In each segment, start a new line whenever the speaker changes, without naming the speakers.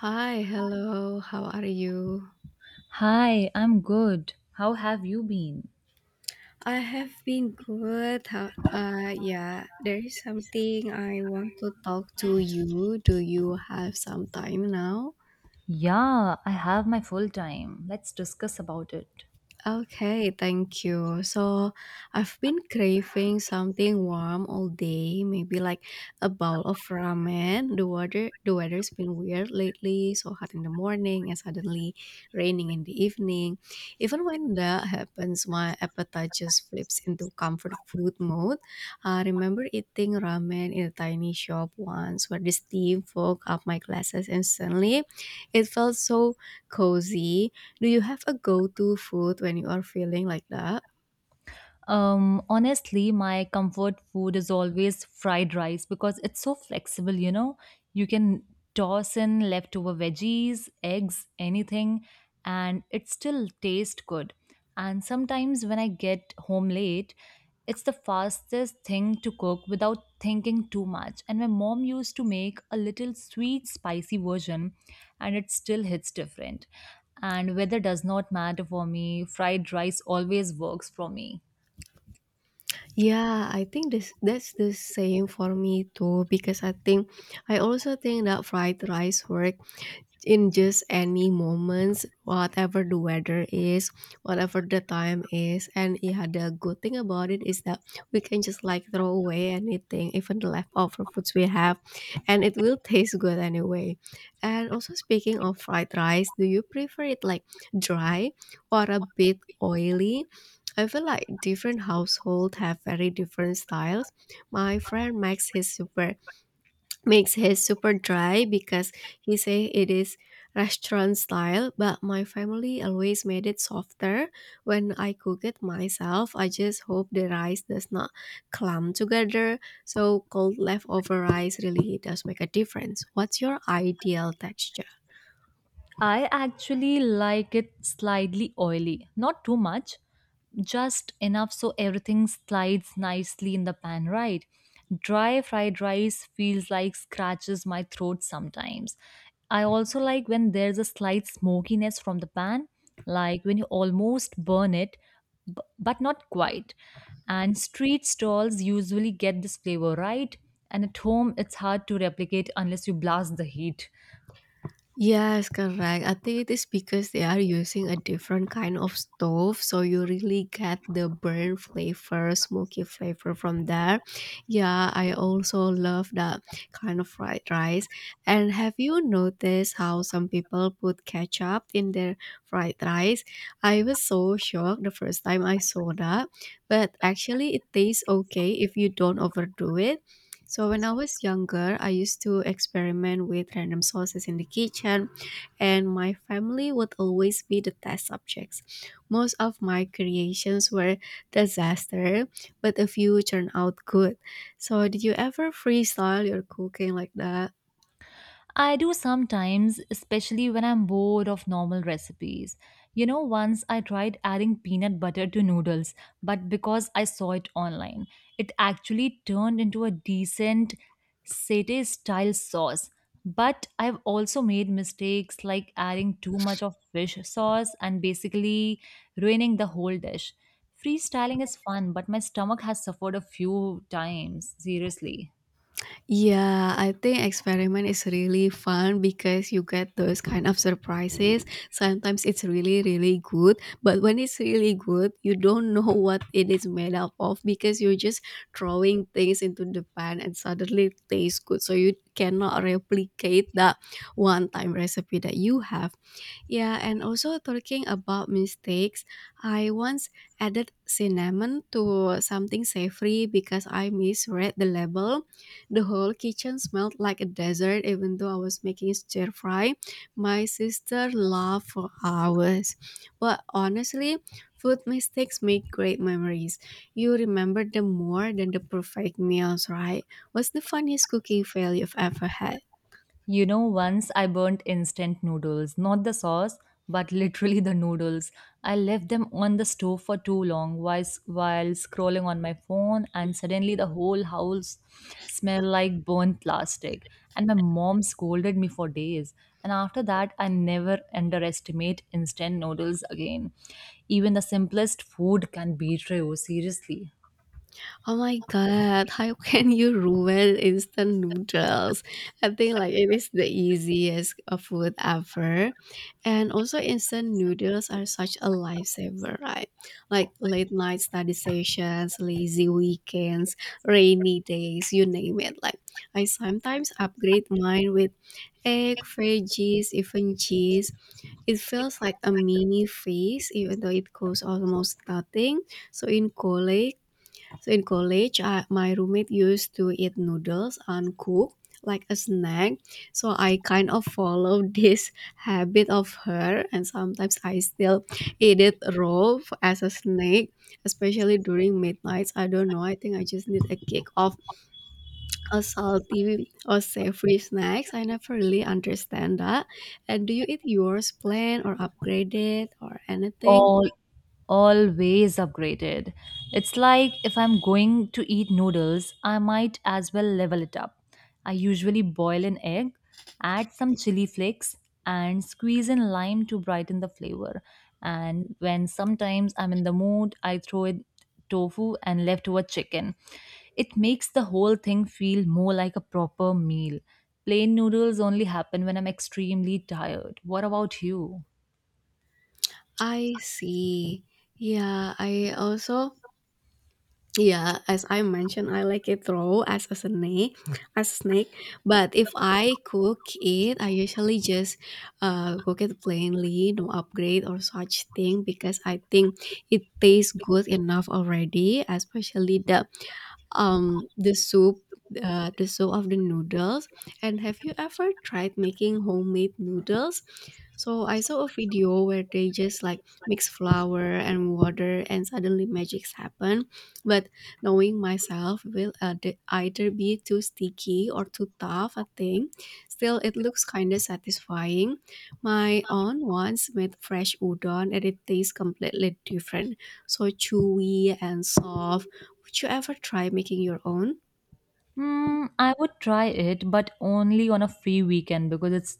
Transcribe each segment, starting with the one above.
Hi, hello. How are you?
Hi, I'm good. How have you been?
I have been good. Yeah, there is something I want to talk to you. Do you have some time now?
Yeah, I have my full time. Let's discuss about it.
Okay, thank you. So, I've been craving something warm all day, maybe like a bowl of ramen. The weather's been weird lately, so hot in the morning and suddenly raining in the evening. Even when that happens, my appetite just flips into comfort food mode. I remember eating ramen in a tiny shop once where the steam fog up my glasses instantly. It felt so cozy. Do you have a go-to food when you are feeling like that?
Honestly, my comfort food is always fried rice because it's so flexible, you know. You can toss in leftover veggies, eggs, anything, and it still tastes good. And sometimes when I get home late, it's the fastest thing to cook without thinking too much. And my mom used to make a little sweet, spicy version, and it still hits different. And weather does not matter for me, fried rice always works for me.
Yeah, I think this that's the same for me too, because I think I also think that fried rice work in just any moments, whatever the weather is, whatever the time is. And yeah, the good thing about it is that we can just like throw away anything, even the leftover foods we have, and it will taste good anyway. And also, speaking of fried rice, do you prefer it like dry or a bit oily? I feel like different households have very different styles. My friend makes his super dry because he say it is restaurant style, but my family always made it softer. When I cook it myself, I just hope the rice does not clump together, so cold leftover rice really does make a difference. What's your ideal texture?
I actually like it slightly oily, not too much, just enough so everything slides nicely in the pan, right? Dry fried rice feels like scratches my throat sometimes. I also like when there's a slight smokiness from the pan, like when you almost burn it, but not quite. And street stalls usually get this flavor right, and at home it's hard to replicate unless you blast the heat.
Yes, correct. I think it is because they are using a different kind of stove, so you really get the burn flavor, smoky flavor from there. Yeah, I also love that kind of fried rice. And have you noticed how some people put ketchup in their fried rice? I was so shocked the first time I saw that, but actually it tastes okay if you don't overdo it. So when I was younger, I used to experiment with random sauces in the kitchen, and my family would always be the test subjects. Most of my creations were disaster, but a few turned out good. So did you ever freestyle your cooking like that?
I do sometimes, especially when I'm bored of normal recipes. You know, once I tried adding peanut butter to noodles, but because I saw it online, it actually turned into a decent satay style sauce. But I've also made mistakes like adding too much of fish sauce and basically ruining the whole dish. Freestyling is fun, but my stomach has suffered a few times, seriously.
Yeah, I think experiment is really fun because you get those kind of surprises. Sometimes it's really, really good, but when it's really good, you don't know what it is made up of, because you're just throwing things into the pan and suddenly it tastes good. So you cannot replicate that one time recipe that you have. Yeah, and also, talking about mistakes, I once added cinnamon to something savory because I misread the label. The whole kitchen smelled like a desert, even though I was making stir fry. My sister laughed for hours. But honestly, food mistakes make great memories. You remember them more than the perfect meals, right? What's the funniest cooking fail you've ever had?
You know, once I burnt instant noodles, not the sauce, but literally the noodles. I left them on the stove for too long while scrolling on my phone, and suddenly the whole house smelled like burnt plastic. And my mom scolded me for days. And after that, I never underestimate instant noodles again. Even the simplest food can betray you, seriously.
Oh my god, how can you ruin instant noodles? I think like it is the easiest food ever. And also, instant noodles are such a lifesaver, right? Like late night study sessions, lazy weekends, rainy days, you name it. Like I sometimes upgrade mine with egg, veggies, even cheese. It feels like a mini feast even though it costs almost nothing. So in college so in college, my roommate used to eat noodles uncooked like a snack. So I kind of follow this habit of her, and sometimes I still eat it raw as a snack, especially during midnights. I don't know. I think I just need a kick of a salty or savory snacks. I never really understand that. And do you eat yours plain or upgraded or anything?
oh Always upgraded. It's like if I'm going to eat noodles, I might as well level it up. I usually boil an egg, add some chili flakes, and squeeze in lime to brighten the flavor. And when sometimes I'm in the mood, I throw in tofu and leftover chicken. It makes the whole thing feel more like a proper meal. Plain noodles only happen when I'm extremely tired. What about you?
I see. Yeah, I also yeah, as I mentioned, I like it raw as a snake, as snake. But if I cook it, I usually just cook it plainly, no upgrade or such thing, because I think it tastes good enough already. Especially um the soup the soup of the noodles. And have you ever tried making homemade noodles? So I saw a video where they just like mix flour and water and suddenly magics happen. But knowing myself, will either be too sticky or too tough, I think. Still, it looks kind of satisfying. My aunt once made fresh udon and it tastes completely different, so chewy and soft. Would you ever try making your own?
I would try it, but only on a free weekend because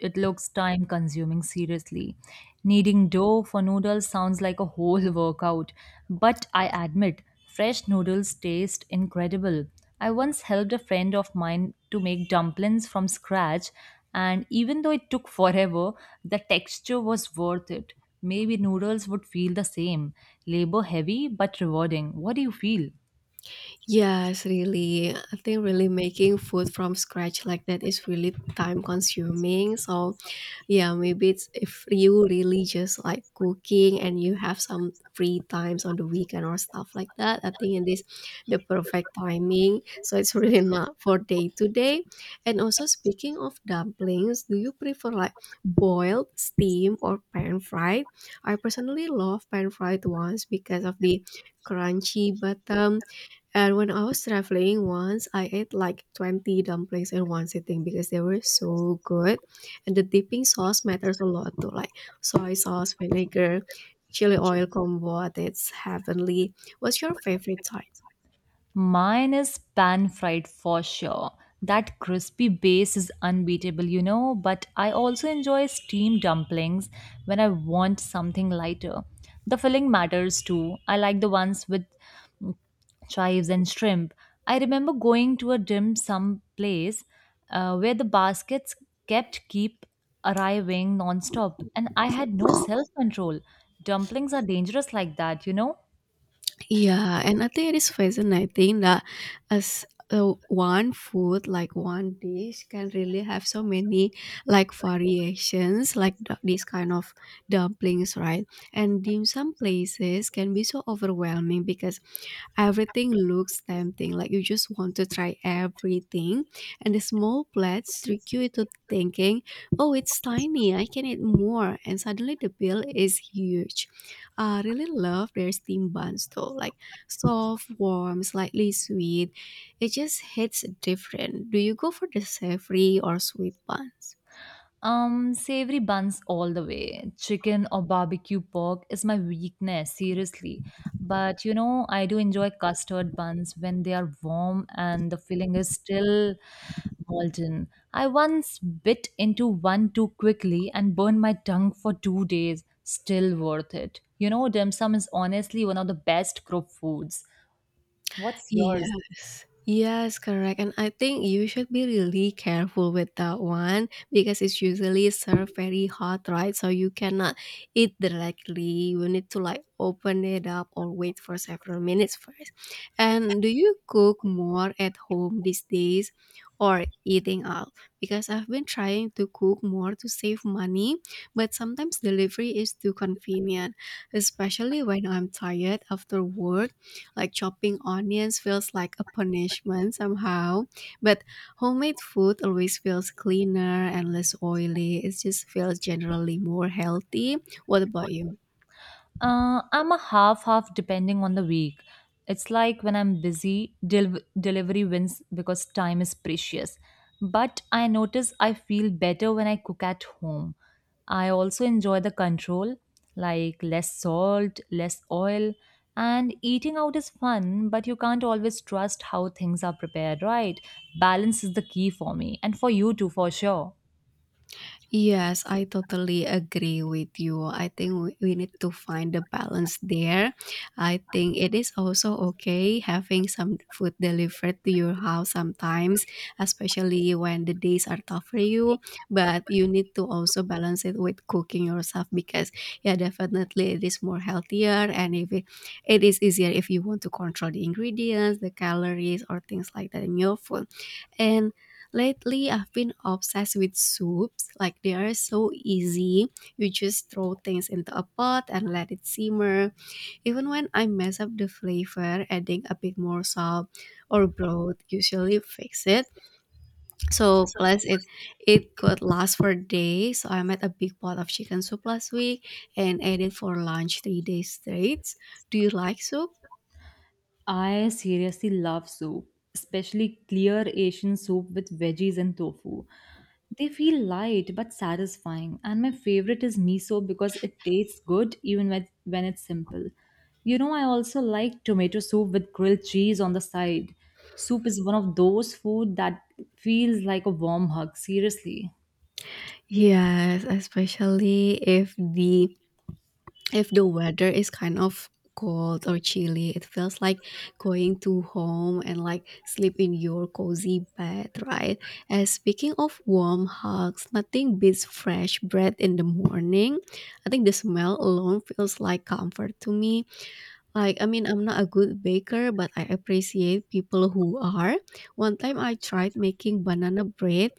it looks time consuming seriously. Kneading dough for noodles sounds like a whole workout, but I admit fresh noodles taste incredible. I once helped a friend of mine to make dumplings from scratch, and even though it took forever, the texture was worth it. Maybe noodles would feel the same. Labor heavy but rewarding. What do you feel?
Yes, really. I think really making food from scratch like that is really time consuming. So yeah, maybe it's if you really just like cooking and you have some free times on the weekend or stuff like that. I think it is the perfect timing. So it's really not for day to day. And also, speaking of dumplings, do you prefer like boiled, steamed, or pan fried? I personally love pan fried ones because of the crunchy bottom, and when I was traveling once, I ate like 20 dumplings in one sitting because they were so good. And the dipping sauce matters a lot too, like soy sauce, vinegar, chili oil combo. I think it's heavenly. What's your favorite type?
Mine is pan fried for sure. That crispy base is unbeatable, you know, but I also enjoy steamed dumplings when I want something lighter. The filling matters too. I like the ones with mm, chives and shrimp. I remember going to a dim sum place where the baskets kept keep arriving nonstop and I had no self control. Dumplings are dangerous like that, you know.
Yeah, and I think it is fascinating that as one food, like one dish, can really have so many like variations, like this kind of dumplings, right? And dim sum places can be so overwhelming because everything looks tempting, like you just want to try everything. And the small plates trick you into thinking, oh, it's tiny, I can eat more. And suddenly the bill is huge. I really love their steam buns though, like soft, warm, slightly sweet. It just hits different. Do you go for the savory or sweet buns?
Savory buns all the way. Chicken or barbecue pork is my weakness, seriously. But you know, I do enjoy custard buns when they are warm and the filling is still molten. I once bit into one too quickly and burned my tongue for 2 days. Still worth it. You know, dim sum is honestly one of the best group foods. What's yours?
Yes. Yes, correct. And I think you should be really careful with that one because it's usually served very hot, right? So you cannot eat directly. You need to like open it up or wait for several minutes first. And do you cook more at home these days or eating out? Because I've been trying to cook more to save money, but sometimes delivery is too convenient, especially when I'm tired after work. Like chopping onions feels like a punishment somehow, but homemade food always feels cleaner and less oily. It just feels generally more healthy. What about you?
I'm a half half depending on the week. It's like when I'm busy, delivery wins because time is precious. But I notice I feel better when I cook at home. I also enjoy the control, like less salt, less oil, and eating out is fun, but you can't always trust how things are prepared, right? Balance is the key for me and for you too, for sure.
Yes, I totally agree with you. I think we need to find the balance there. I think it is also okay having some food delivered to your house sometimes, especially when the days are tough for you. But you need to also balance it with cooking yourself because, yeah, definitely it is more healthier, and if it is easier if you want to control the ingredients, the calories, or things like that in your food. And lately, I've been obsessed with soups. Like, they are so easy. You just throw things into a pot and let it simmer. Even when I mess up the flavor, adding a bit more salt or broth usually fix it. So, plus, it could last for days. So, I made a big pot of chicken soup last week and ate it for lunch 3 days straight. Do you like soup?
I seriously love soup, especially clear Asian soup with veggies and tofu. They feel light but satisfying, and my favorite is miso because it tastes good even when it's simple. You know, I also like tomato soup with grilled cheese on the side. Soup is one of those food that feels like a warm hug, seriously.
Yes, especially if the weather is kind of cold or chilly, it feels like going to home and like sleep in your cozy bed, right? And speaking of warm hugs, nothing beats fresh bread in the morning. I think the smell alone feels like comfort to me. Like, I mean, I'm not a good baker, but I appreciate people who are. One time I tried making banana bread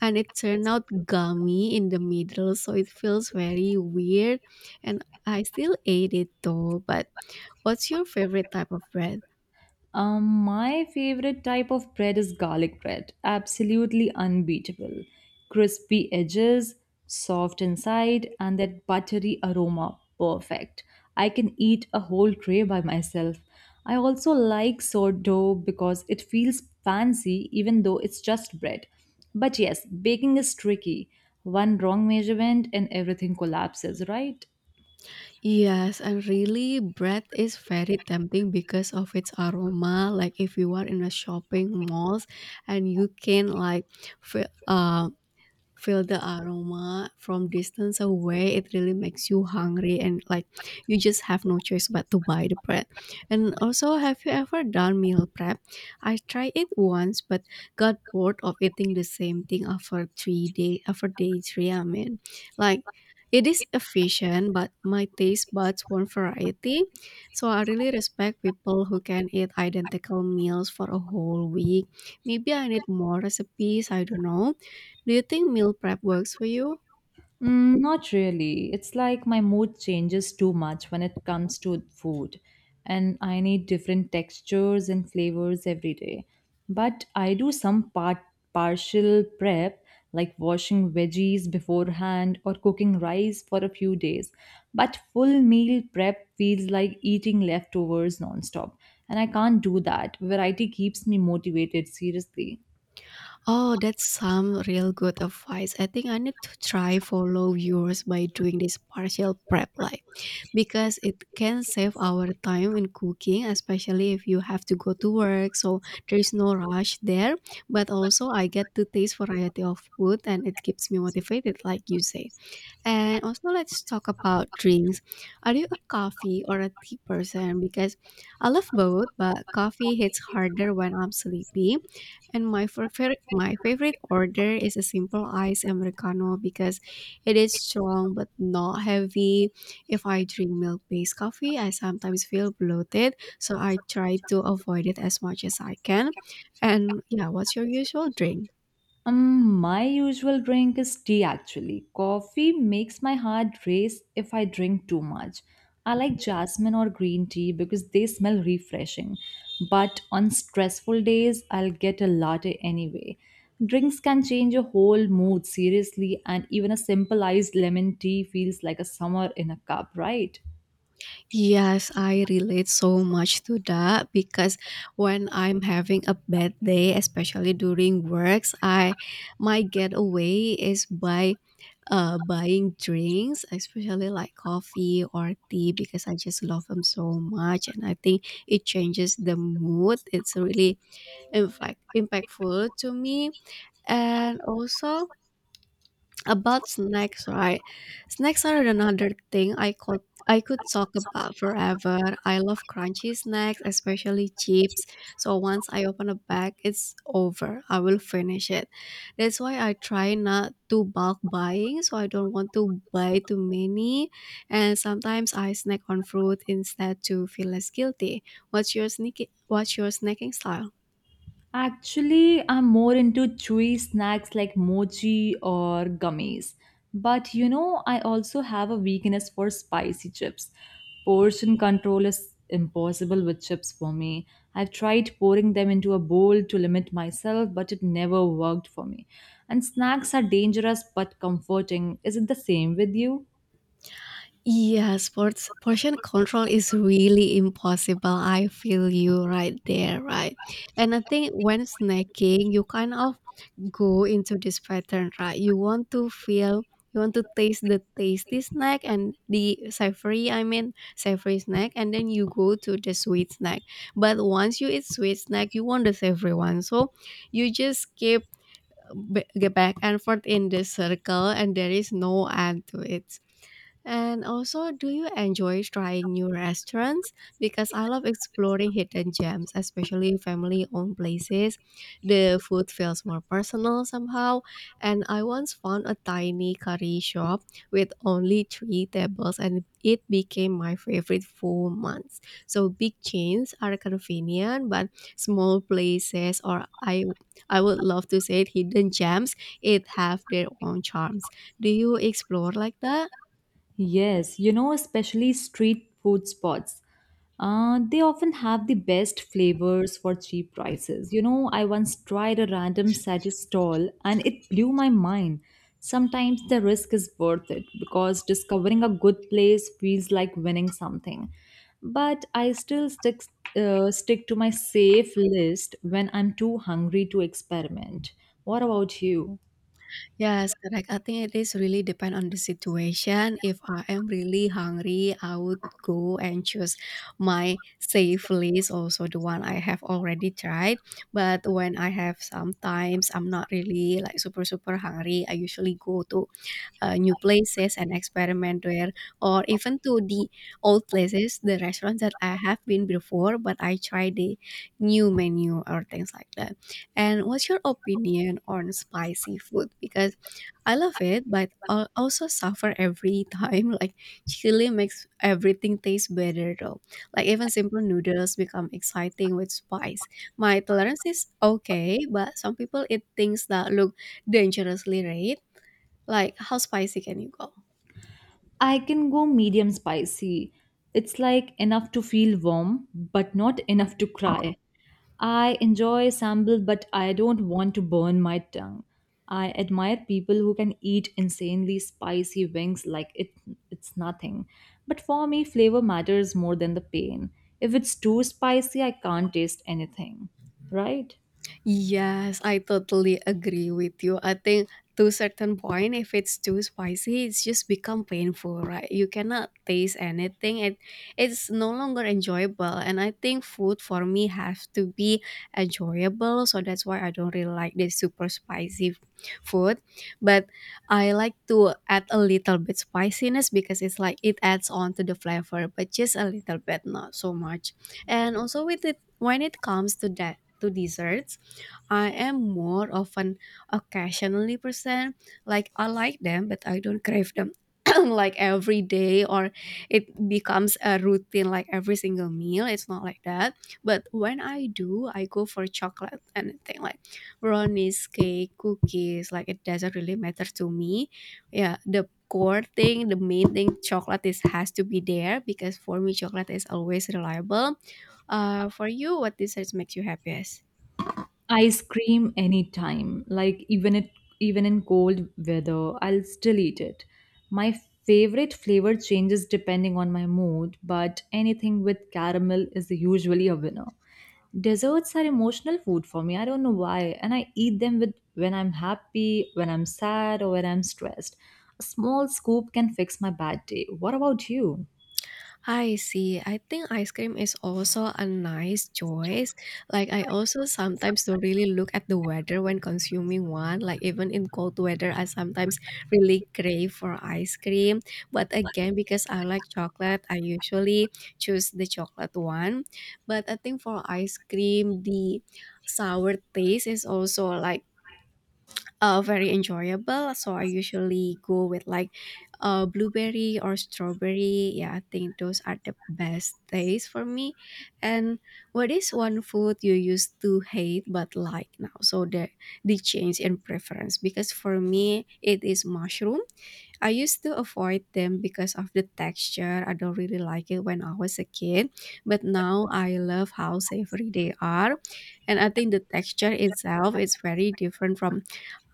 and it turned out gummy in the middle, so it feels very weird. And I still ate it though. But what's your favorite type of bread?
My favorite type of bread is garlic bread. Absolutely unbeatable. Crispy edges, soft inside, and that buttery aroma. Perfect. I can eat a whole tray by myself. I also like sourdough because it feels fancy even though it's just bread. But yes, baking is tricky. One wrong measurement and everything collapses, right?
Yes, and really, bread is very tempting because of its aroma. Like, if you are in a shopping malls and you can like, f- um feel the aroma from distance away, it really makes you hungry, and like you just have no choice but to buy the bread. And also, have you ever done meal prep? I tried it once, but got bored of eating the same thing after 3 days, after day 3 I mean. Like, it is efficient, but my taste buds want variety. So I really respect people who can eat identical meals for a whole week. Maybe I need more recipes, I don't know. Do you think meal prep works for you?
Not really. It's like my mood changes too much when it comes to food, and I need different textures and flavors every day. But I do some part partial prep, like washing veggies beforehand or cooking rice for a few days. But full meal prep feels like eating leftovers nonstop, and I can't do that. Variety keeps me motivated, seriously.
Oh, that's some real good advice. I think I need to try follow yours by doing this partial prep, like because it can save our time in cooking, especially if you have to go to work, so there is no rush there. But also I get to taste variety of food and it keeps me motivated like you said. And also, let's talk about drinks. Are you a coffee or a tea person? Because I love both, but coffee hits harder when I'm sleepy. And my favorite order is a simple iced americano because it is strong but not heavy. If I drink milk-based coffee, I sometimes feel bloated, so I try to avoid it as much as I can. And yeah, what's your usual drink?
My usual drink is tea actually. Coffee makes my heart race if I drink too much. I like jasmine or green tea because they smell refreshing. But on stressful days, I'll get a latte anyway. Drinks can change your whole mood, seriously, and even a simple iced lemon tea feels like a summer in a cup, right?
Yes, I relate so much to that because when I'm having a bad day, especially during works, I my getaway is by buying drinks, especially like coffee or tea, because I just love them so much, and I think it changes the mood. It's really in fact impactful to me, and also about snacks, right? Snacks are another thing I could talk about forever. I love crunchy snacks, especially chips. So once I open a bag, it's over. I will finish it. That's why I try not to bulk buying, so I don't want to buy too many. And sometimes I snack on fruit instead to feel less guilty. What's your snacking style?
Actually, I'm more into chewy snacks like mochi or gummies. But you know, I also have a weakness for spicy chips. Portion control is impossible with chips for me. I've tried pouring them into a bowl to limit myself, but it never worked for me. And snacks are dangerous but comforting. Is it the same with you?
Yeah, sports portion control is really impossible. I feel you right there, right? And I think when snacking, you kind of go into this pattern, right? You want to taste the tasty snack and the savory, savory snack, and then you go to the sweet snack. But once you eat sweet snack, you want the savory one. So you just keep get back and forth in this circle, and there is no end to it. And also, do you enjoy trying new restaurants? Because I love exploring hidden gems, especially family owned places. The food feels more personal somehow. And I once found a tiny curry shop with only three tables, and it became my favorite for months. So, big chains are convenient, but small places, I would love to say it, hidden gems, it have their own charms. Do you explore like that?
Yes, you know, especially street food spots. They often have the best flavors for cheap prices. You know, I once tried a random sachet stall and it blew my mind. Sometimes the risk is worth it because discovering a good place feels like winning something. But I still stick to my safe list when I'm too hungry to experiment. What about you?
Yes, correct. I think it is really depend on the situation. If I am really hungry, I would go and choose my safe list, also the one I have already tried. But when I have sometimes I'm not really like super hungry, I usually go to new places and experiment there, or even to the old places, the restaurants that I have been before, but I try the new menu or things like that. And what's your opinion on spicy food? Because I love it, but I also suffer every time. Like chili makes everything taste better though. Like even simple noodles become exciting with spice. My tolerance is okay, but some people eat things that look dangerously right. Like how spicy can you go?
I can go medium spicy. It's like enough to feel warm, but not enough to cry. I enjoy sambal, but I don't want to burn my tongue. I admire people who can eat insanely spicy wings like it's nothing. But for me, flavor matters more than the pain. If it's too spicy, I can't taste anything. Right?
Yes, I totally agree with you. I think to certain point, if it's too spicy, it's just become painful, right? You cannot taste anything. It's no longer enjoyable. And I think food for me has to be enjoyable. So that's why I don't really like the super spicy food. But I like to add a little bit spiciness because it's like it adds on to the flavor, but just a little bit, not so much. And also with it when it comes to that to desserts I am more of an occasionally person. Like I like them, but I don't crave them like every day or it becomes a routine like every single meal. It's not like that. But when I do, I go for chocolate anything like brownies, cake, cookies. Like it doesn't really matter to me. Yeah, the core thing, the main thing, chocolate is has to be there because for me, chocolate is always reliable. For you, what dessert makes you happiest?
I scream anytime. Like even in cold weather, I'll still eat it. My favorite flavor changes depending on my mood, but anything with caramel is usually a winner. Desserts are emotional food for me. I don't know why, and I eat them with when I'm happy, when I'm sad, or when I'm stressed. A small scoop can fix my bad day. What about you?
I see. I think ice cream is also a nice choice. Like I also sometimes do really look at the weather when consuming one. Like even in cold weather, I sometimes really crave for ice cream. But again, because I like chocolate, I usually choose the chocolate one. But I think for ice cream, the sour taste is also like very enjoyable. So I usually go with like blueberry or strawberry. Yeah, I think those are the best days for me. And what is one food you used to hate but like now? So the change in preference because for me it is mushroom. I used to avoid them because of the texture. I don't really like it when I was a kid, but now I love how savory they are, and I think the texture itself is very different from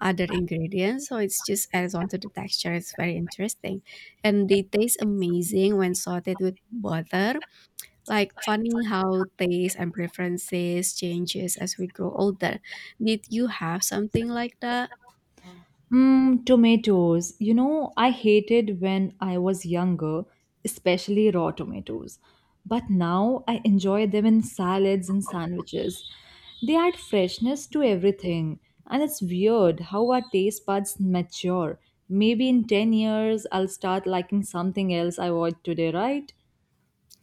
other ingredients. So it's just adds on to the texture. It's very interesting. And they taste amazing when sauteed with butter. Like funny how taste and preferences changes as we grow older. Did you have something like that?
Tomatoes. You know, I hated when I was younger, especially raw tomatoes. But now I enjoy them in salads and sandwiches. They add freshness to everything. And it's weird how our taste buds mature. Maybe in 10 years, I'll start liking something else I watched today, right?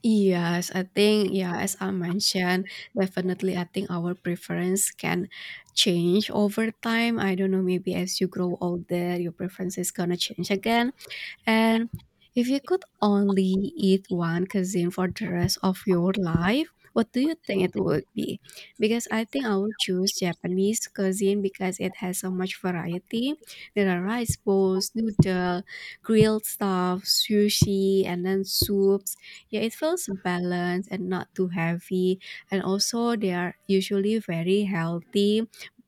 Yes, I think yeah, as I mentioned, definitely I think our preference can change over time. I don't know, maybe as you grow older, your preference is gonna change again. And if you could only eat one cuisine for the rest of your life, what do you think it would be? Because I think I would choose Japanese cuisine because it has so much variety. There are rice bowls, noodle, grilled stuff, sushi, and then soups. Yeah, it feels balanced and not too heavy. And also, they are usually very healthy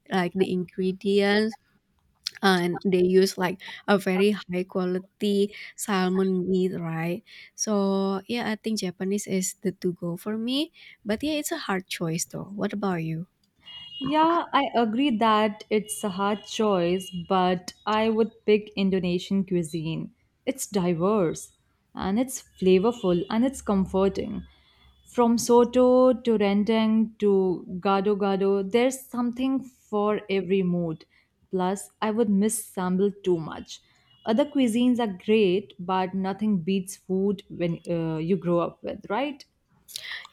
like the ingredients and they use like a very high quality salmon meat, right? So yeah, I think Japanese is the to go for me. But yeah, it's a hard choice though. What about you?
Yeah, I agree that it's a hard choice, but I would pick Indonesian cuisine. It's diverse and it's flavorful and it's comforting. From soto to rendang to gado gado, there's something for every mood. Plus, I would miss sambal too much. Other cuisines are great, but nothing beats food when you grow up with, right?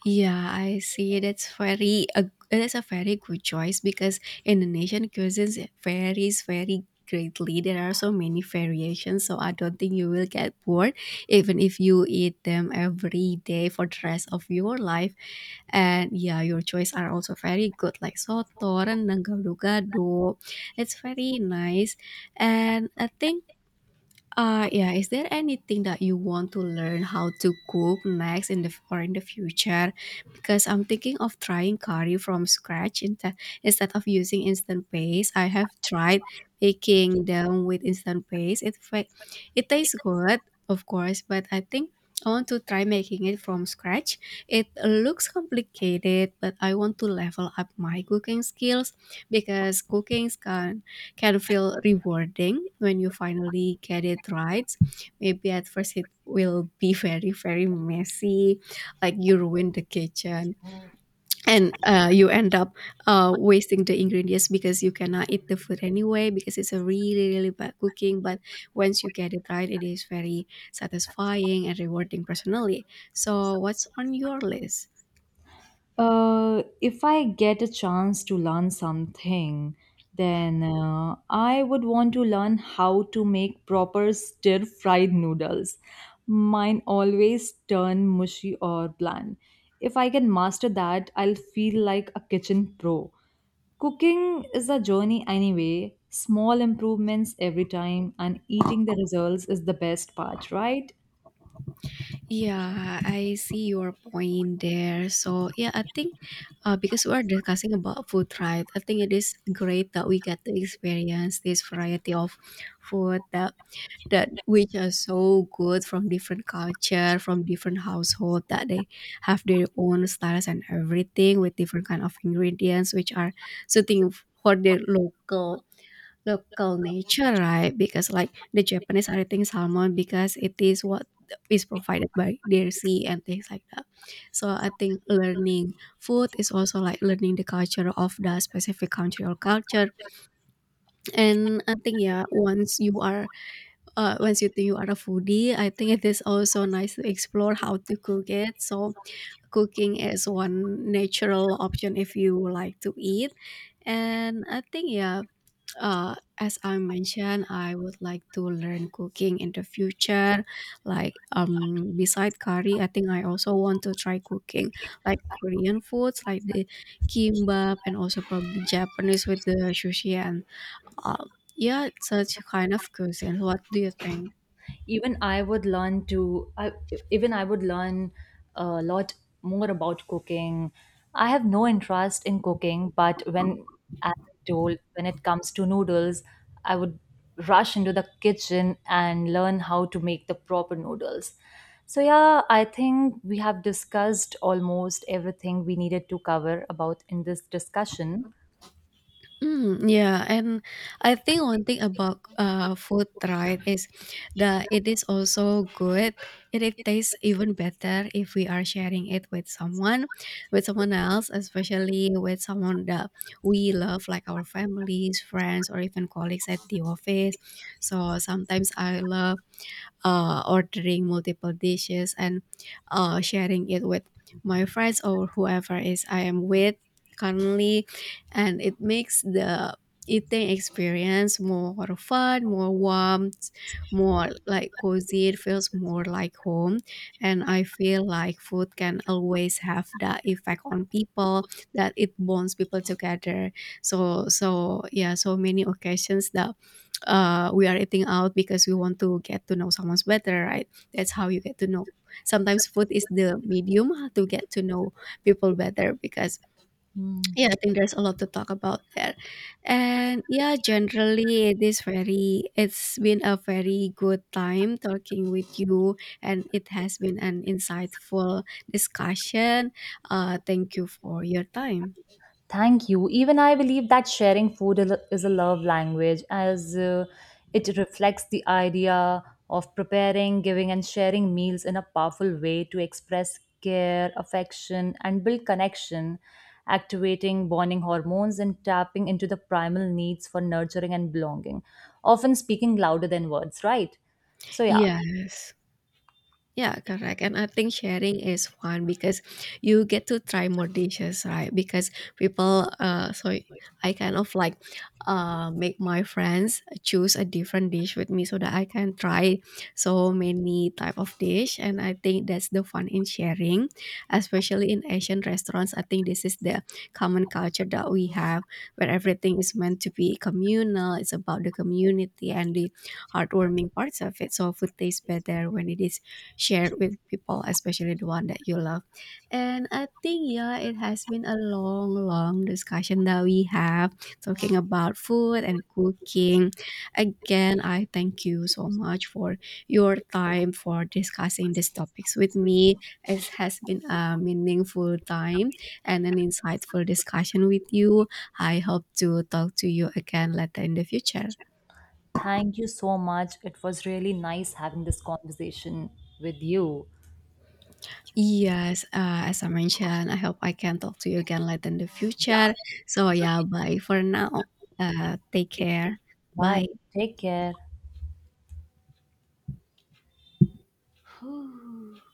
Yeah, I see. That's very a It is a very good choice because Indonesian cuisines varies very greatly. There are so many variations, so I don't think you will get bored even if you eat them every day for the rest of your life. And yeah, your choice are also very good, like soto, rendang, gado-gado. It's very nice, and I think yeah, is there anything that you want to learn how to cook next in the future? Because I'm thinking of trying curry from scratch instead of using instant paste. I have tried making them with instant paste. It tastes good, of course, but I think I want to try making it from scratch. It looks complicated, but I want to level up my cooking skills because cooking can feel rewarding when you finally get it right. Maybe at first it will be very, very messy, like you ruin the kitchen and you end up wasting the ingredients because you cannot eat the food anyway because it's a really, really bad cooking. But once you get it right, it is very satisfying and rewarding personally. So, what's on your list?
If I get a chance to learn something, then I would want to learn how to make proper stir fried noodles. Mine always turn mushy or bland. If I can master that, I'll feel like a kitchen pro. Cooking is a journey anyway, small improvements every time, and eating the results is the best part, right?
Yeah, I see your point there. So, yeah, I think because we're discussing about food, right? I think it is great that we get to experience this variety of food that that which are so good from different culture, from different household that they have their own styles and everything with different kind of ingredients which are suiting for their local nature, right? Because like the Japanese are eating salmon because it is what is provided by their sea and things like that. So I think learning food is also like learning the culture of the specific country or culture. And I think yeah, once you are once you think you are a foodie, I think it is also nice to explore how to cook it. So cooking is one natural option if you like to eat and I think yeah as I mentioned I would like to learn cooking in the future like beside curry I think I also want to try cooking like korean foods like the kimbap and also probably japanese with the sushi and uh, yeah such kind of cuisine what do you think
even I would learn to I, Even I would learn a lot more about cooking. I have no interest in cooking, but when as I told, when it comes to noodles, I would rush into the kitchen and learn how to make the proper noodles. So yeah, I think we have discussed almost everything we needed to cover about in this discussion.
Mm, yeah, and I think one thing about food, right, is that it is also good. It tastes even better if we are sharing it with someone else, especially with someone that we love, like our families, friends, or even colleagues at the office. So sometimes I love ordering multiple dishes and sharing it with my friends or whoever is I am with currently, and it makes the eating experience more fun, more warm, more like cozy. It feels more like home, and I feel like food can always have that effect on people that it bonds people together. So yeah, so many occasions that we are eating out because we want to get to know someone's better, right? That's how you get to know. Sometimes food is the medium to get to know people better because
Hmm.
yeah, I think there's a lot to talk about there. And yeah, generally it's been a very good time talking with you and it has been an insightful discussion. Thank you for your time.
Thank you. Even I believe that sharing food is a love language as it reflects the idea of preparing, giving, and sharing meals in a powerful way to express care, affection, and build connection, activating bonding hormones and tapping into the primal needs for nurturing and belonging, often speaking louder than words, right? So, yeah,
Yes. Yeah, correct. And I think sharing is fun because you get to try more dishes, right? Because people, so I kind of like make my friends choose a different dish with me so that I can try so many type of dish. And I think that's the fun in sharing, especially in Asian restaurants. I think this is the common culture that we have where everything is meant to be communal. It's about the community and the heartwarming parts of it. So food tastes better when it is share with people, especially the one that you love. And I think, yeah, it has been a long, long discussion that we have talking about food and cooking. Again, I thank you so much for your time for discussing these topics with me. It has been a meaningful time and an insightful discussion with you. I hope to talk to you again later in the future.
thank you so much. It was really nice having this conversation with you.
Yes, as I mentioned, I hope I can talk to you again later in the future. So, yeah, bye for now. Take care.
Bye.
Bye.
Take care.